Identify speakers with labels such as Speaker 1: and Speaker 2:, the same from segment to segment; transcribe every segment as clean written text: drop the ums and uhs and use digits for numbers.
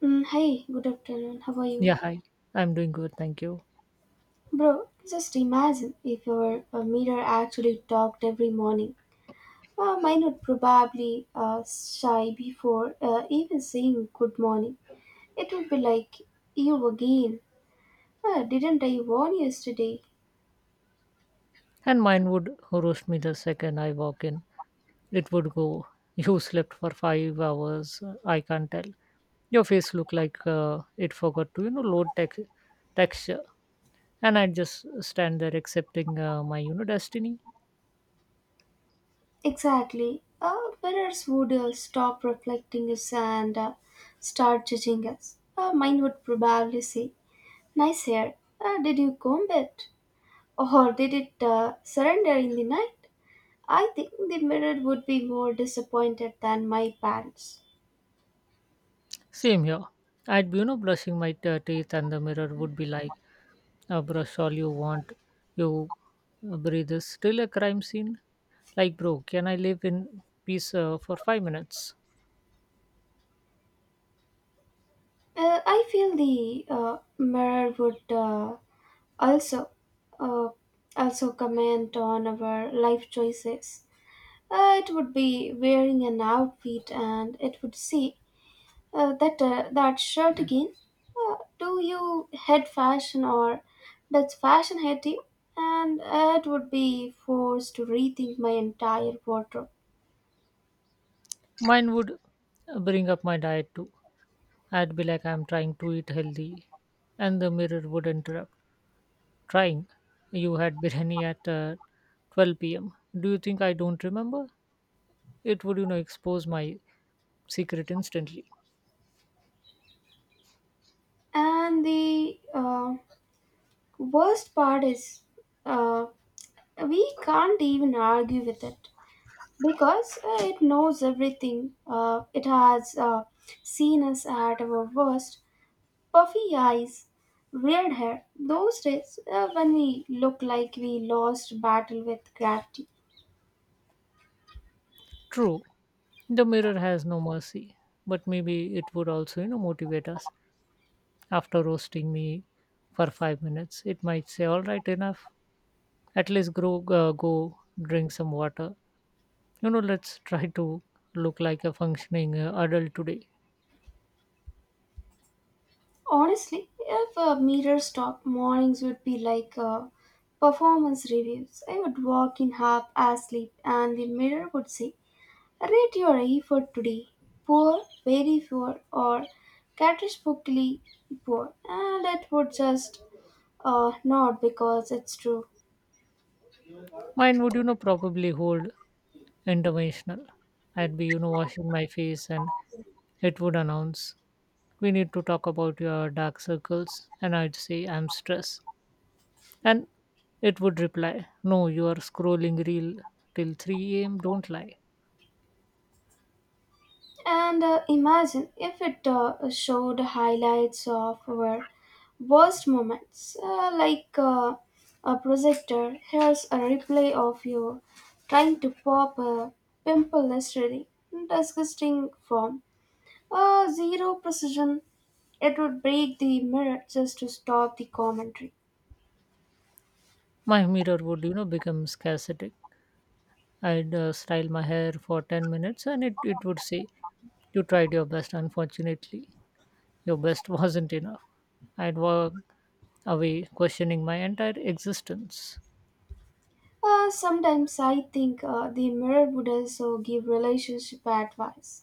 Speaker 1: Hey, good afternoon. How are you?
Speaker 2: Yeah, hi. I'm doing good, thank you.
Speaker 1: Bro, just imagine if your mirror actually talked every morning. Mine would probably shy before even saying good morning. It would be like, you again. Didn't I warn you yesterday?
Speaker 2: And mine would roast me the second I walk in. It would go, you slept for 5 hours. I can't tell. Your face looked like it forgot to, load texture. And I'd just stand there accepting my, destiny.
Speaker 1: Exactly. Mirrors would stop reflecting us and start judging us. Mine would probably say, nice hair. Did you comb it? Or did it surrender in the night? I think the mirror would be more disappointed than my parents.
Speaker 2: Same here. I'd be, brushing my teeth and the mirror would be like, brush all you want. You breathe is still a crime scene. Like, bro, can I live in peace for 5 minutes?
Speaker 1: I feel the mirror would also uh, also comment on our life choices. It would be wearing an outfit, and it would say that shirt again. Do you hate fashion or does fashion hate you? And it would be forced to rethink my entire wardrobe.
Speaker 2: Mine would bring up my diet too. I'd be like, I'm trying to eat healthy, and the mirror would interrupt. Trying. You had biryani at 12 p.m. Do you think I don't remember? It, would, you know, expose my secret instantly.
Speaker 1: And the worst part is, uh, we can't even argue with it because it knows everything. It has seen us at our worst. Puffy eyes, weird hair. Those days when we look like we lost battle with gravity.
Speaker 2: True, the mirror has no mercy, but maybe it would also, motivate us. After roasting me for 5 minutes, it might say, "All right, enough. At least grow, go drink some water." Let's try to look like a functioning adult today.
Speaker 1: Honestly, if a meter stopped, mornings would be like performance reviews. I would walk in half asleep, and the mirror would say, rate your effort today: poor, very poor, or catastrophically poor. And it would just not because it's true.
Speaker 2: Mine would probably hold interventional. I'd be washing my face and it would announce, we need to talk about your dark circles. And I'd say, I'm stressed, and it would reply, no, you are scrolling reel till 3 a.m., don't lie.
Speaker 1: And imagine if it showed highlights of our worst moments, like a projector. Here's a replay of you trying to pop a pimple yesterday. In disgusting form. Zero precision. It would break the mirror just to stop the commentary.
Speaker 2: My mirror would become scarcity. I'd style my hair for 10 minutes and it would say, you tried your best, unfortunately. Your best wasn't enough. I'd walk away questioning my entire existence.
Speaker 1: Sometimes I think the mirror would also give relationship advice.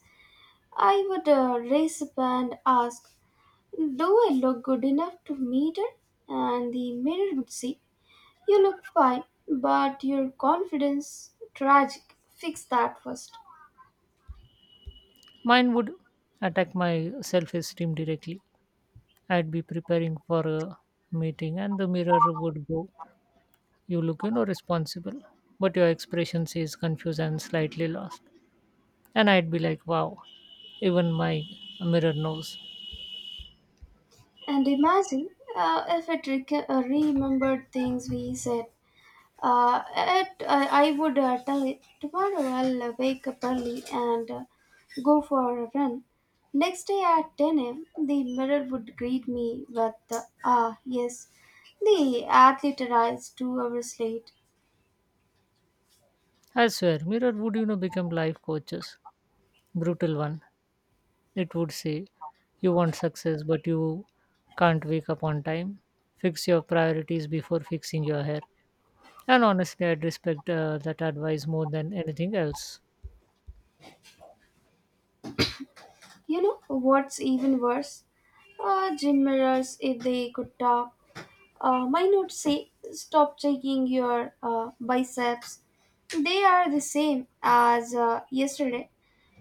Speaker 1: I would raise up and ask, do I look good enough to meet her? And the mirror would say, you look fine, but your confidence tragic. Fix that first.
Speaker 2: Mine would attack my self esteem directly. I'd be preparing for a meeting, and the mirror would go, you look, responsible, but your expression says confused and slightly lost. And I'd be like, wow, even my mirror knows.
Speaker 1: And imagine if it remembered things we said. It, I would tell it tomorrow I'll wake up early and go for a run. Next day at 10 a.m., the mirror would greet me with, ah, yes, the athlete arrives 2 hours late.
Speaker 2: I swear, mirror would, become life coaches. Brutal one. It would say, you want success, but you can't wake up on time. Fix your priorities before fixing your hair. And honestly, I'd respect that advice more than anything else.
Speaker 1: You know what's even worse? Gym mirrors, if they could talk, my not say, stop checking your biceps. They are the same as yesterday.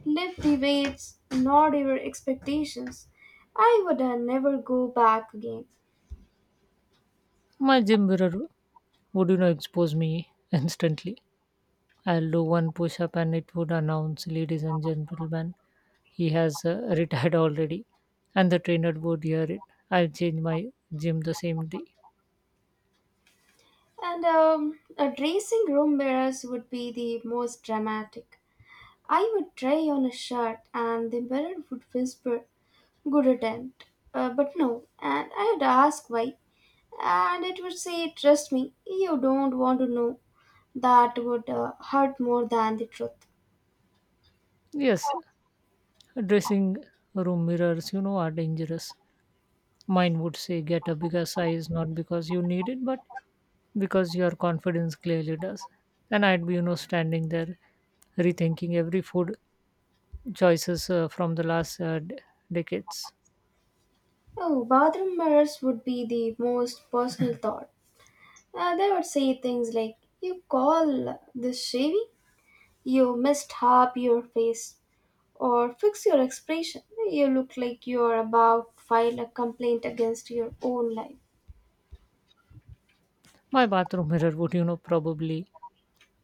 Speaker 1: Live debates, not your expectations. I would never go back again.
Speaker 2: My gym mirror would, expose me instantly. I'll do one push up and it would announce, ladies and gentlemen, he has retired already. And the trainer would hear it. I'll change my gym the same day.
Speaker 1: And a dressing room mirrors would be the most dramatic. I would try on a shirt and the mirror would whisper, good attempt. But no, and I would ask why. And it would say, trust me, you don't want to know. That would hurt more than the truth.
Speaker 2: Yes, dressing room mirrors, are dangerous. Mine would say, get a bigger size, not because you need it, but because your confidence clearly does. And I'd be, standing there rethinking every food choices from the last decades.
Speaker 1: Oh, bathroom mirrors would be the most personal thought. They would say things like, you call this shaving? You missed half your face. Or fix your expression. You look like you're about to file a complaint against your own life.
Speaker 2: My bathroom mirror would, probably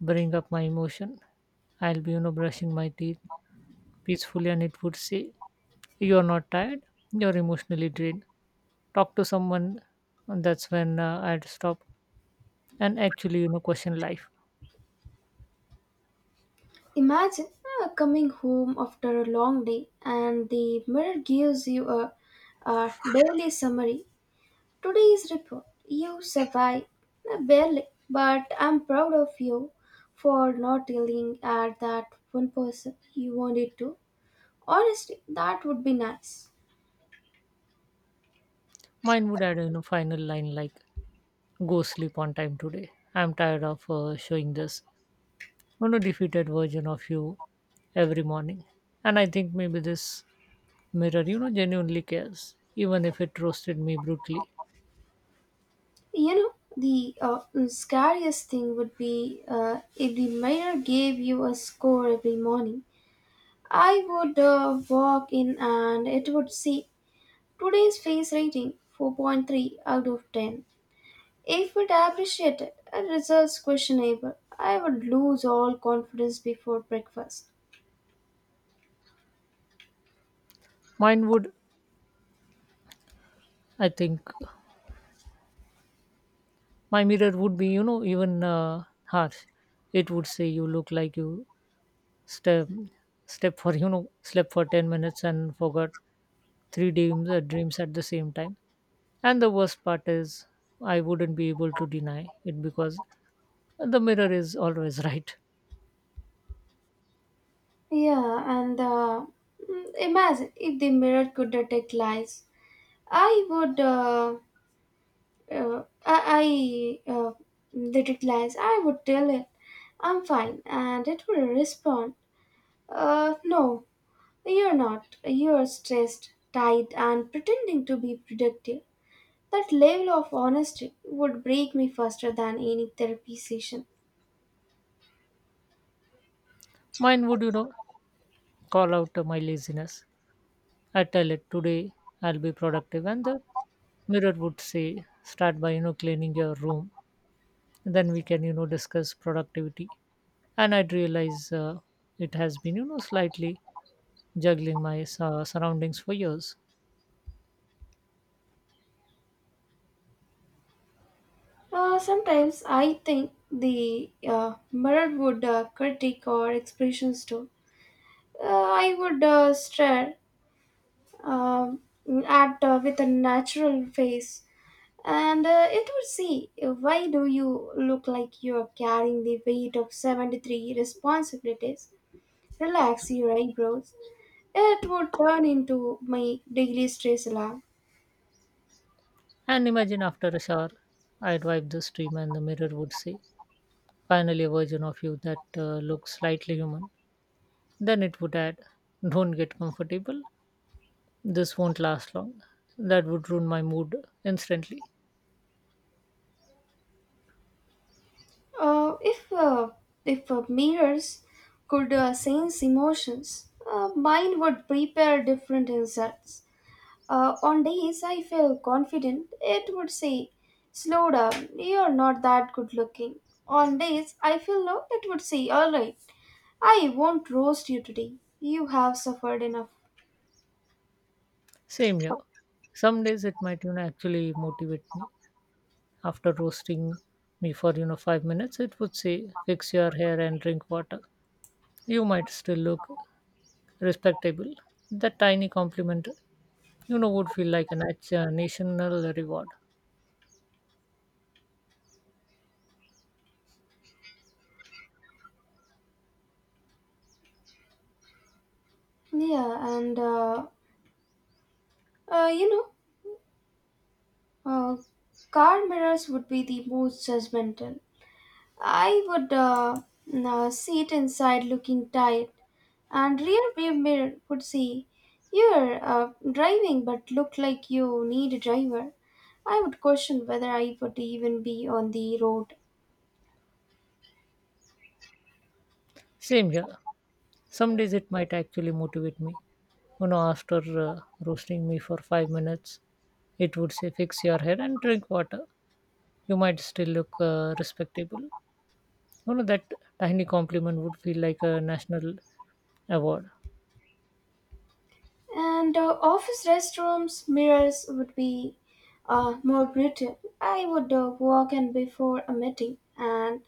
Speaker 2: bring up my emotion. I'll be, brushing my teeth peacefully and it would say, you're not tired, you're emotionally drained. Talk to someone. And that's when I'd stop and actually, question life.
Speaker 1: Imagine coming home after a long day and the mirror gives you a daily summary. Today's report. You survived. Barely. But I'm proud of you for not yelling at that one person you wanted to. Honestly, that would be nice.
Speaker 2: Mine would add, final line like, go sleep on time today. I'm tired of showing this defeated version of you every morning. And I think maybe this mirror, genuinely cares, even if it roasted me brutally.
Speaker 1: You know, the scariest thing would be if the mirror gave you a score every morning. I would walk in and it would say, today's face rating 4.3 out of 10. If it appreciated a results questionable, I would lose all confidence before breakfast.
Speaker 2: Mine would, I think, my mirror would be, even harsh. It would say, you look like you step step for slept for 10 minutes and forgot three dreams dreams at the same time, and the worst part is I wouldn't be able to deny it because the mirror is always right.
Speaker 1: Yeah, and imagine if the mirror could detect lies. I would. I did glance. I would tell it, I'm fine, and it would respond, no, you're not. You're stressed, tired, and pretending to be productive. That level of honesty would break me faster than any therapy session.
Speaker 2: Mine would call out my laziness. I tell it today I'll be productive and the mirror would say, start by cleaning your room, then we can discuss productivity. And I'd realize it has been slightly juggling my surroundings for years.
Speaker 1: Sometimes I think the mirror would critique our expressions too. I would stare um, at with a natural face. And it would say, why do you look like you're carrying the weight of 73 responsibilities? Relax your eyebrows. It would turn into my daily stress alarm.
Speaker 2: And imagine after a shower, I'd wipe the stream and the mirror would say, finally a version of you that looks slightly human. Then it would add, don't get comfortable, this won't last long. That would ruin my mood instantly.
Speaker 1: Uh, if uh, if mirrors could sense emotions, mine would prepare different insults. On days I feel confident, it would say, slow down, you're not that good looking. On days I feel low, it would say, alright, I won't roast you today. You have suffered enough.
Speaker 2: Same here. Some days it might actually motivate me. After roasting me for 5 minutes, it would say, fix your hair and drink water. You might still look respectable. That tiny compliment would feel like a national reward.
Speaker 1: Yeah, and uh, you know, uh, car mirrors would be the most judgmental. I would sit inside looking tired, and rear view mirror would say, you're driving, but look like you need a driver. I would question whether I would even be on the road.
Speaker 2: Same here, some days it might actually motivate me, after uh, roasting me for 5 minutes, it would say, fix your hair and drink water. You might still look respectable. That tiny compliment would feel like a national award.
Speaker 1: And office restrooms, mirrors would be more brutal. I would walk in before a meeting and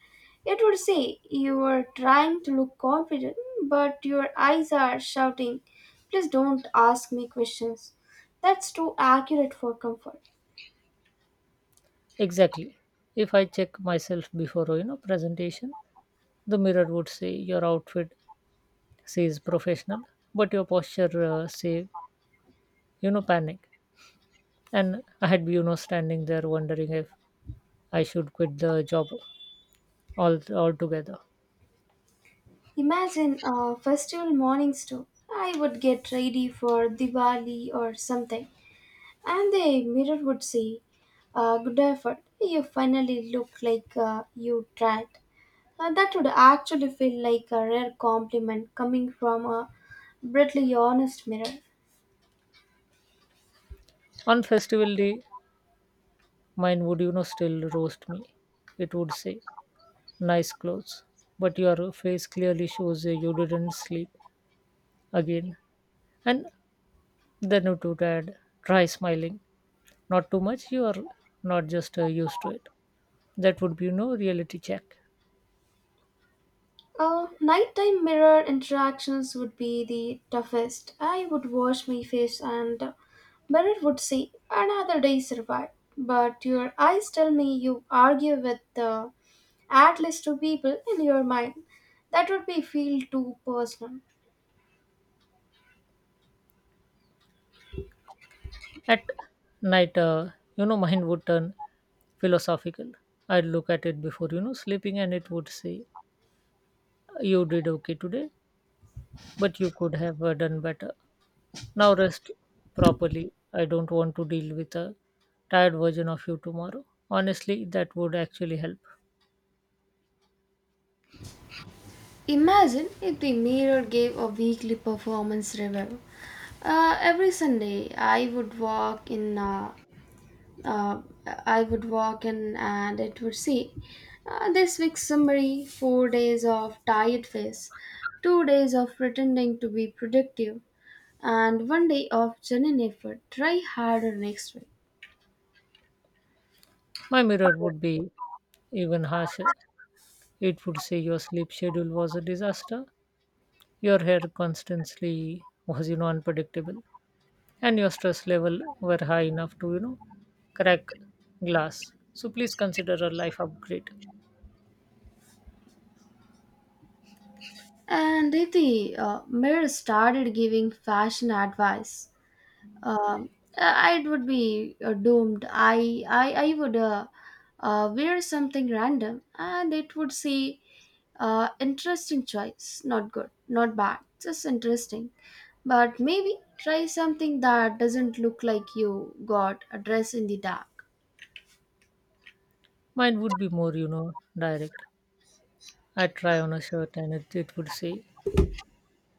Speaker 1: it would say, you are trying to look confident, but your eyes are shouting, please don't ask me questions. That's too accurate for comfort.
Speaker 2: Exactly, if I check myself before presentation, the mirror would say, your outfit says professional, but your posture say panic. And I had standing there wondering if I should quit the job all altogether.
Speaker 1: Imagine festival mornings too. I would get ready for Diwali or something. And the mirror would say, good effort, you finally look like you tried. And that would actually feel like a rare compliment coming from a brutally honest mirror.
Speaker 2: On festival day, mine would still roast me. It would say, "Nice clothes, but your face clearly shows you didn't sleep again." And then it would add, "Try smiling, not too much. You are not just used to it." That would be reality check.
Speaker 1: Nighttime mirror interactions would be the toughest. I would wash my face and mirror would say, another day survived. But your eyes tell me you argue with at least two people in your mind. That would be feel too personal.
Speaker 2: At night, mine would turn philosophical. I'd look at it before sleeping, and it would say, you did okay today, but you could have done better. Now rest properly. I don't want to deal with a tired version of you tomorrow. Honestly, that would actually help.
Speaker 1: Imagine if the mirror gave a weekly performance review. Every Sunday, uh, I would walk in, and it would say, "This week's summary: 4 days of tired face, 2 days of pretending to be productive, and one day of genuine effort. Try harder next week."
Speaker 2: My mirror would be even harsher. It would say, your sleep schedule was a disaster, your hair constantly was, unpredictable, and your stress level were high enough to, crack glass. So please consider a life upgrade.
Speaker 1: And if the mirror started giving fashion advice, Um, I it would be doomed. I would wear something random, and it would say, "Interesting choice. Not good. Not bad. Just interesting." But maybe try something that doesn't look like you got a dress in the dark.
Speaker 2: Mine would be more, direct. I try on a shirt and it would say,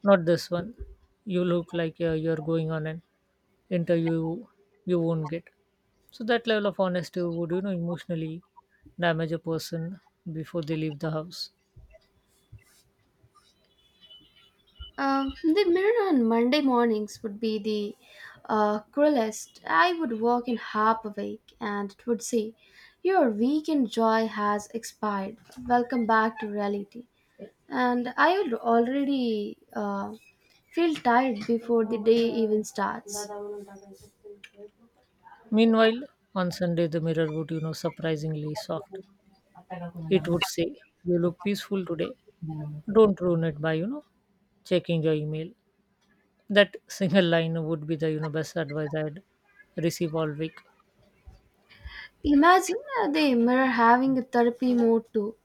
Speaker 2: not this one. You look like you're going on an interview you won't get. So that level of honesty would, emotionally damage a person before they leave the house.
Speaker 1: The mirror on Monday mornings would be the cruelest. I would walk in half awake and it would say, your weekend joy has expired. Welcome back to reality. And I would already feel tired before the day even starts.
Speaker 2: Meanwhile, on Sunday, the mirror would, surprisingly soft. It would say, you look peaceful today. Don't ruin it by, checking your email. That single line would be the, best advice I'd receive all week.
Speaker 1: Imagine the mirror having a therapy mode too.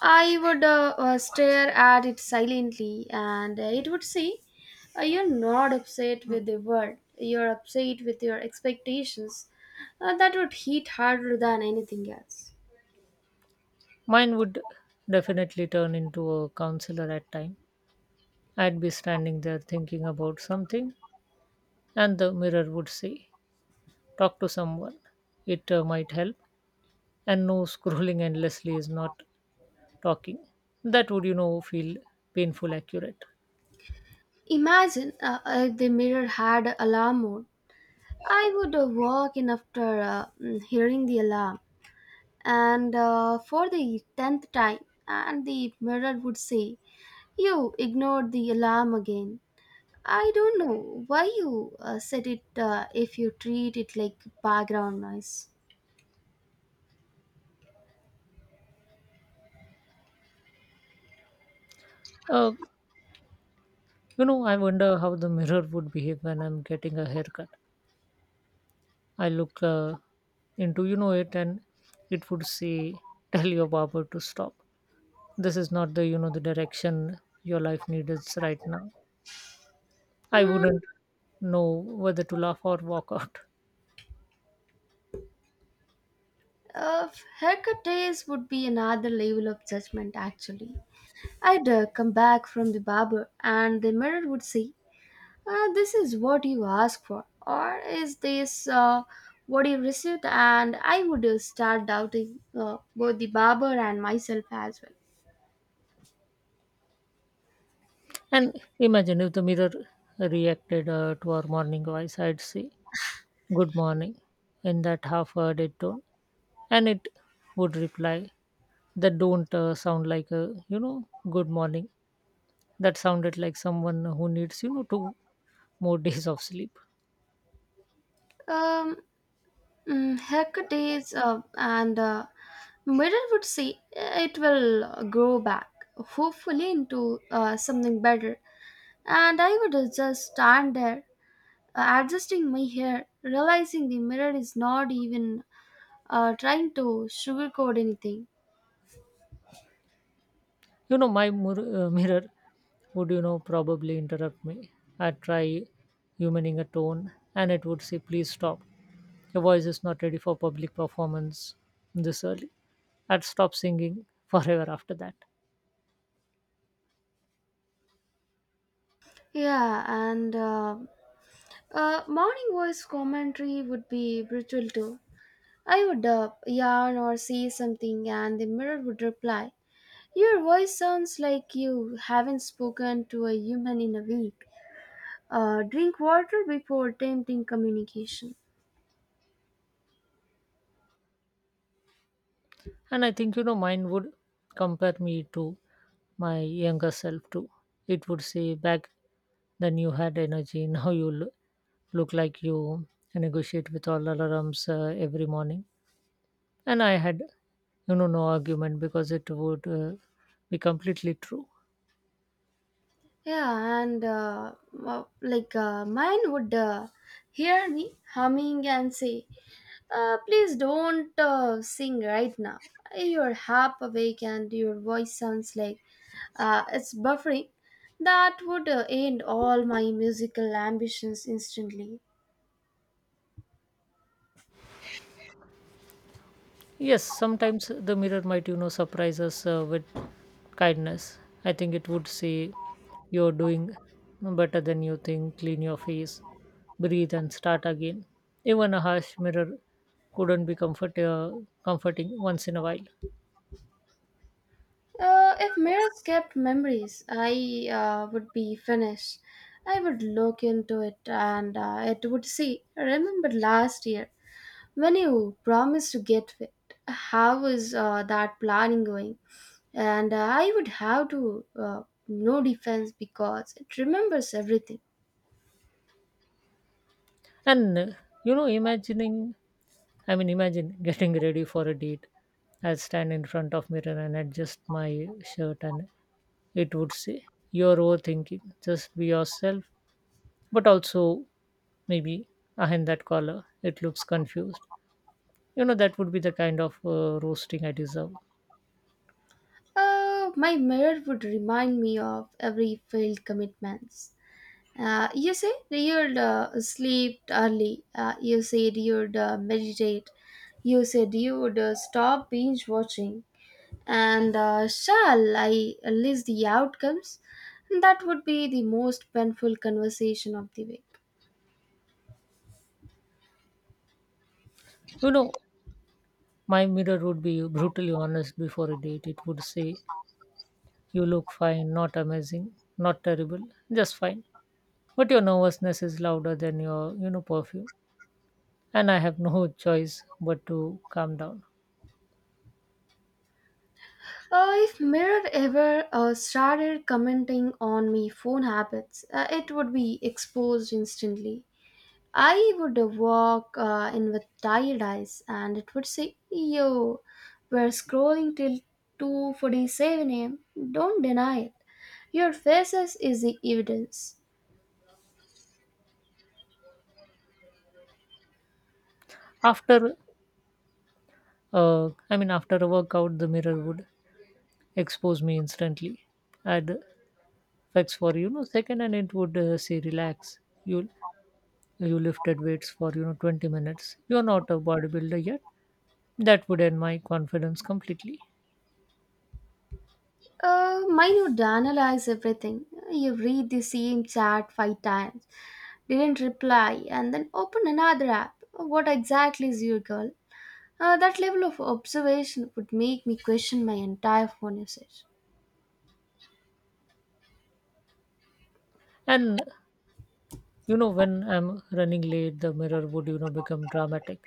Speaker 1: I would stare at it silently, and it would say, you're not upset with the world, you're upset with your expectations. That would hit harder than anything else.
Speaker 2: Mine would definitely turn into a counselor at time. I'd be standing there thinking about something, and the mirror would say, "Talk to someone. It might help." And no, scrolling endlessly is not talking. That would, feel painful accurate.
Speaker 1: Imagine if the mirror had alarm mode. I would walk in after hearing the alarm, and for the tenth time, and the mirror would say, you ignored the alarm again. I don't know why you said it if you treat it like background noise.
Speaker 2: Uh, I wonder how the mirror would behave when I'm getting a haircut. I look into it, and it would say, "Tell your barber to stop." This is not the the direction your life needs right now. I
Speaker 1: Mm,
Speaker 2: wouldn't know whether to laugh or walk out.
Speaker 1: uh, Haircut days would be another level of judgment, actually. I'd come back from the barber and the mirror would say, this is what you asked for, or is this what you received? And I would start doubting both the barber and myself as well.
Speaker 2: And imagine if the mirror reacted to our morning voice. I'd say good morning in that half hearted tone, and it would reply, that don't sound like a good morning, that sounded like someone who needs two more days of sleep.
Speaker 1: Um, Hectic days, and mirror would say it will grow back, hopefully into something better. And I would just stand there, adjusting my hair, realizing the mirror is not even trying to sugarcoat anything.
Speaker 2: You know, my mirror would, probably interrupt me. I'd try humaning a tone and it would say, please stop. Your voice is not ready for public performance this early. I'd stop singing forever after that.
Speaker 1: Yeah, and morning voice commentary would be brutal too. I would yarn or say something, and the mirror would reply. Your voice sounds like you haven't spoken to a human in a week. Drink water before attempting communication.
Speaker 2: And I think, mine would compare me to my younger self too. It would say, back then you had energy, now you look like you negotiate with all alarms every morning. And I had no argument because it would be completely true.
Speaker 1: Yeah, and well, like mine would hear me humming and say, please don't sing right now. You're half awake and your voice sounds like it's buffering. That would end all my musical ambitions instantly.
Speaker 2: Yes, sometimes the mirror might surprise us with kindness. I think it would say, you're doing better than you think. Clean your face, breathe and start again. Even a harsh mirror couldn't be comforting once in a while.
Speaker 1: If mirrors kept memories, I would be finished. I would look into it and it would say, remember last year when you promised to get fit? How is that planning going? And I would have to, no defense because it remembers everything.
Speaker 2: And you know imagining I mean Imagine getting ready for a date. I would stand in front of mirror and adjust my shirt and it would say, you're overthinking, just be yourself, but also maybe behind that collar, it looks confused. That would be the kind of roasting I deserve.
Speaker 1: My mirror would remind me of every failed commitments. You said you'd sleep early. You said you'd meditate. You said you'd stop binge watching. And shall I list the outcomes? That would be the most painful conversation of the week.
Speaker 2: you know my mirror would be brutally honest before a date. It would say, you look fine, not amazing, not terrible, just fine, but your nervousness is louder than your perfume. And I have no choice but to calm down.
Speaker 1: If mirror ever started commenting on my phone habits, it would be exposed instantly. I would walk in with tired eyes and it would say, yo, we're scrolling till 2.47 am. Don't deny it. Your faces is the evidence.
Speaker 2: After uh, i mean after a workout, the mirror would expose me instantly. I'd flex for second, and it would say, relax. You you lifted weights for 20 minutes. You're not a bodybuilder yet. That would end my confidence completely.
Speaker 1: Mine would analyze everything. You read the same chat five times, didn't reply, and then open another app. What exactly is your goal? That level of observation would make me question my entire phone usage.
Speaker 2: And when I'm running late, the mirror would become dramatic.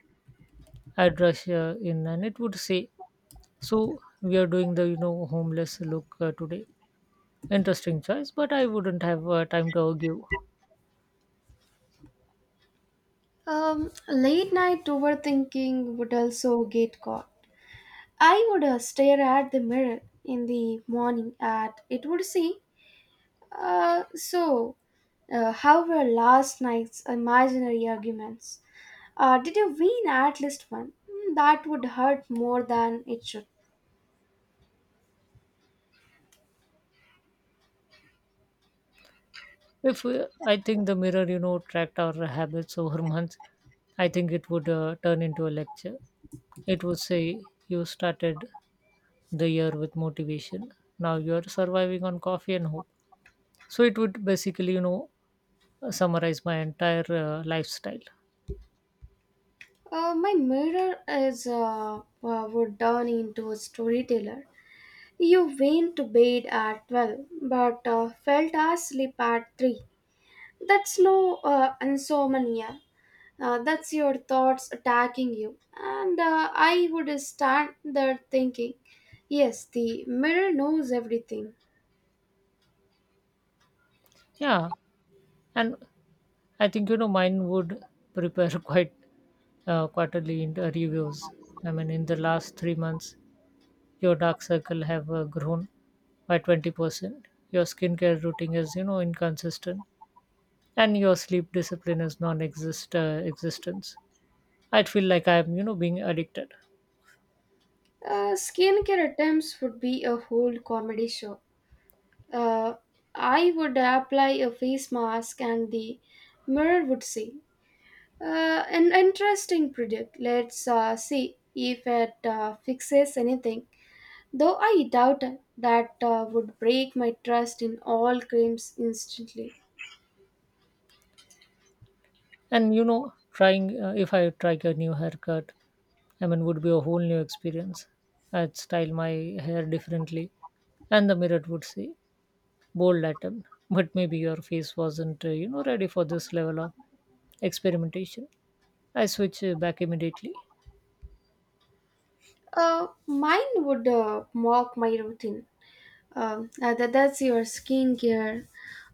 Speaker 2: I'd rush in, and it would say, "So we are doing the homeless look today." Interesting choice, but I wouldn't have time to argue.
Speaker 1: Late night overthinking would also get caught. I would stare at the mirror in the morning and it would say, so, how were last night's imaginary arguments? Did you win at least one? That would hurt more than it should.
Speaker 2: If I think the mirror, tracked our habits over months, I think it would turn into a lecture. It would say, you started the year with motivation. Now you are surviving on coffee and hope. So it would basically, summarize my entire lifestyle.
Speaker 1: My mirror is would turn into a storyteller. You went to bed at 12 but felt asleep at 3. That's no insomnia. That's your thoughts attacking you. And I would stand there thinking, yes, the mirror knows everything.
Speaker 2: Yeah. And I think, mine would prepare quite quarterly in the reviews. I mean, in the last 3 months, your dark circle have grown by 20%. Your skincare routine is, inconsistent and your sleep discipline is non-exist existence. I feel like I'm, being addicted.
Speaker 1: Skincare attempts would be a whole comedy show. Uh, I would apply a face mask and the mirror would say, uh, an interesting product. Let's see if it fixes anything though I doubt that would break my trust in all creams instantly.
Speaker 2: And, you know, trying, If I try a new haircut, I mean, would be a whole new experience. I'd style my hair differently and the mirror would say, bold Latin, but maybe your face wasn't, ready for this level of experimentation. I switch back immediately.
Speaker 1: Mine would mock my routine. That's your skincare,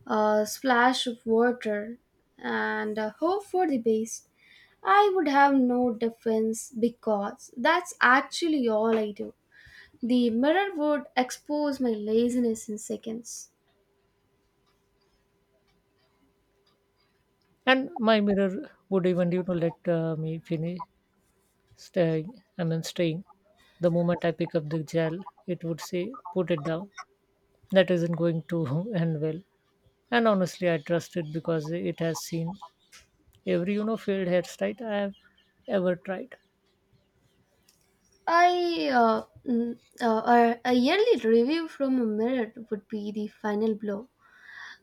Speaker 1: a splash of water, and a hope for the best. I would have no defense because that's actually all I do. The mirror would expose my laziness in seconds.
Speaker 2: And my mirror would even let me finish staying staying. The moment I pick up the gel it would say, put it down, that isn't going to end well. And honestly I trust it because it has seen every failed hairstyle I have ever tried.
Speaker 1: I mm, a yearly review from a mirror would be the final blow.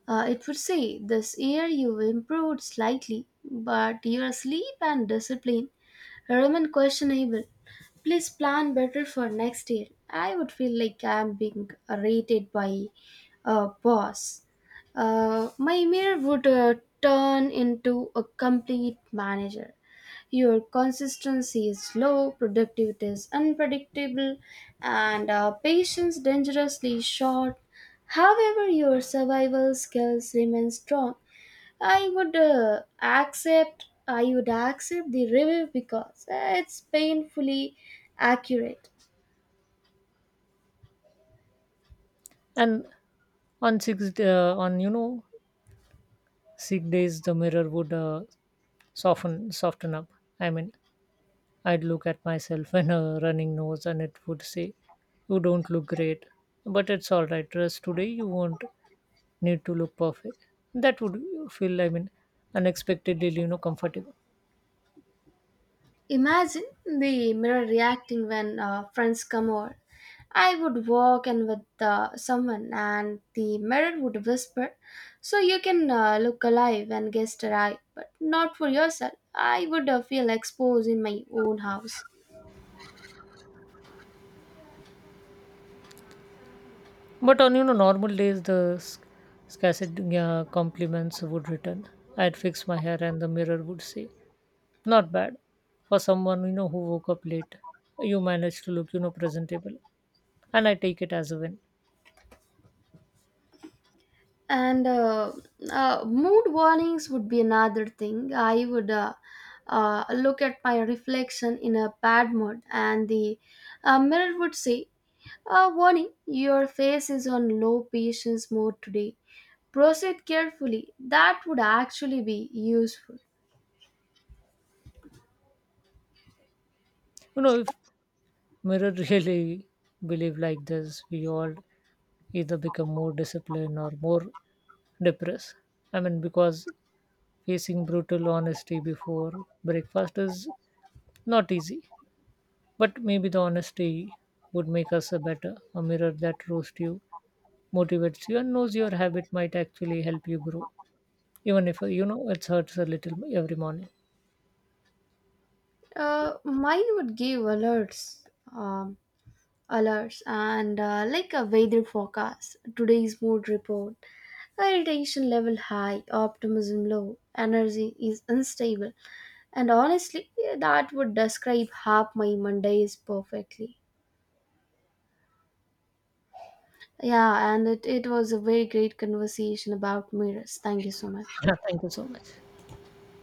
Speaker 1: It would say, this year you've improved slightly, but your sleep and discipline remain questionable. Please plan better for next year. I would feel like I'm being rated by a boss. My mirror would turn into a complete manager. Your consistency is low, productivity is unpredictable, and patience dangerously short. However, your survival skills remain strong. I would accept the review because it's painfully accurate.
Speaker 2: And on six on 6 days the mirror would soften up. I mean, I'd look at myself and a running nose and it would say, you don't look great, but it's all right. Rest today, you won't need to look perfect. That would feel, I mean, unexpectedly, comfortable.
Speaker 1: Imagine the mirror reacting when friends come over. I would walk in with someone, and the mirror would whisper, so you can look alive when guests arrive, but not for yourself. I would feel exposed in my own house.
Speaker 2: But on, normal days, the scarcity compliments would return. I'd fix my hair and the mirror would say, not bad for someone, who woke up late. You managed to look, presentable. And I take it as a win.
Speaker 1: And mood warnings would be another thing. I would look at my reflection in a bad mood and the mirror would say, warning, your face is on low patience mode today. Proceed carefully. That would actually be useful.
Speaker 2: If mirror really believe like this. We all either become more disciplined or more depressed. I mean, because facing brutal honesty before breakfast is not easy. But maybe the honesty would make us a better. A mirror that roasts you, motivates you, and knows your habit might actually help you grow, even if it hurts a little every morning.
Speaker 1: Mine would give alerts, um, and like a weather forecast, today's mood report. Irritation level high, optimism low, energy is unstable. And honestly, that would describe half my Mondays perfectly. Yeah, and it was a very great conversation about mirrors. Thank you so much.
Speaker 2: Yeah, thank you so much.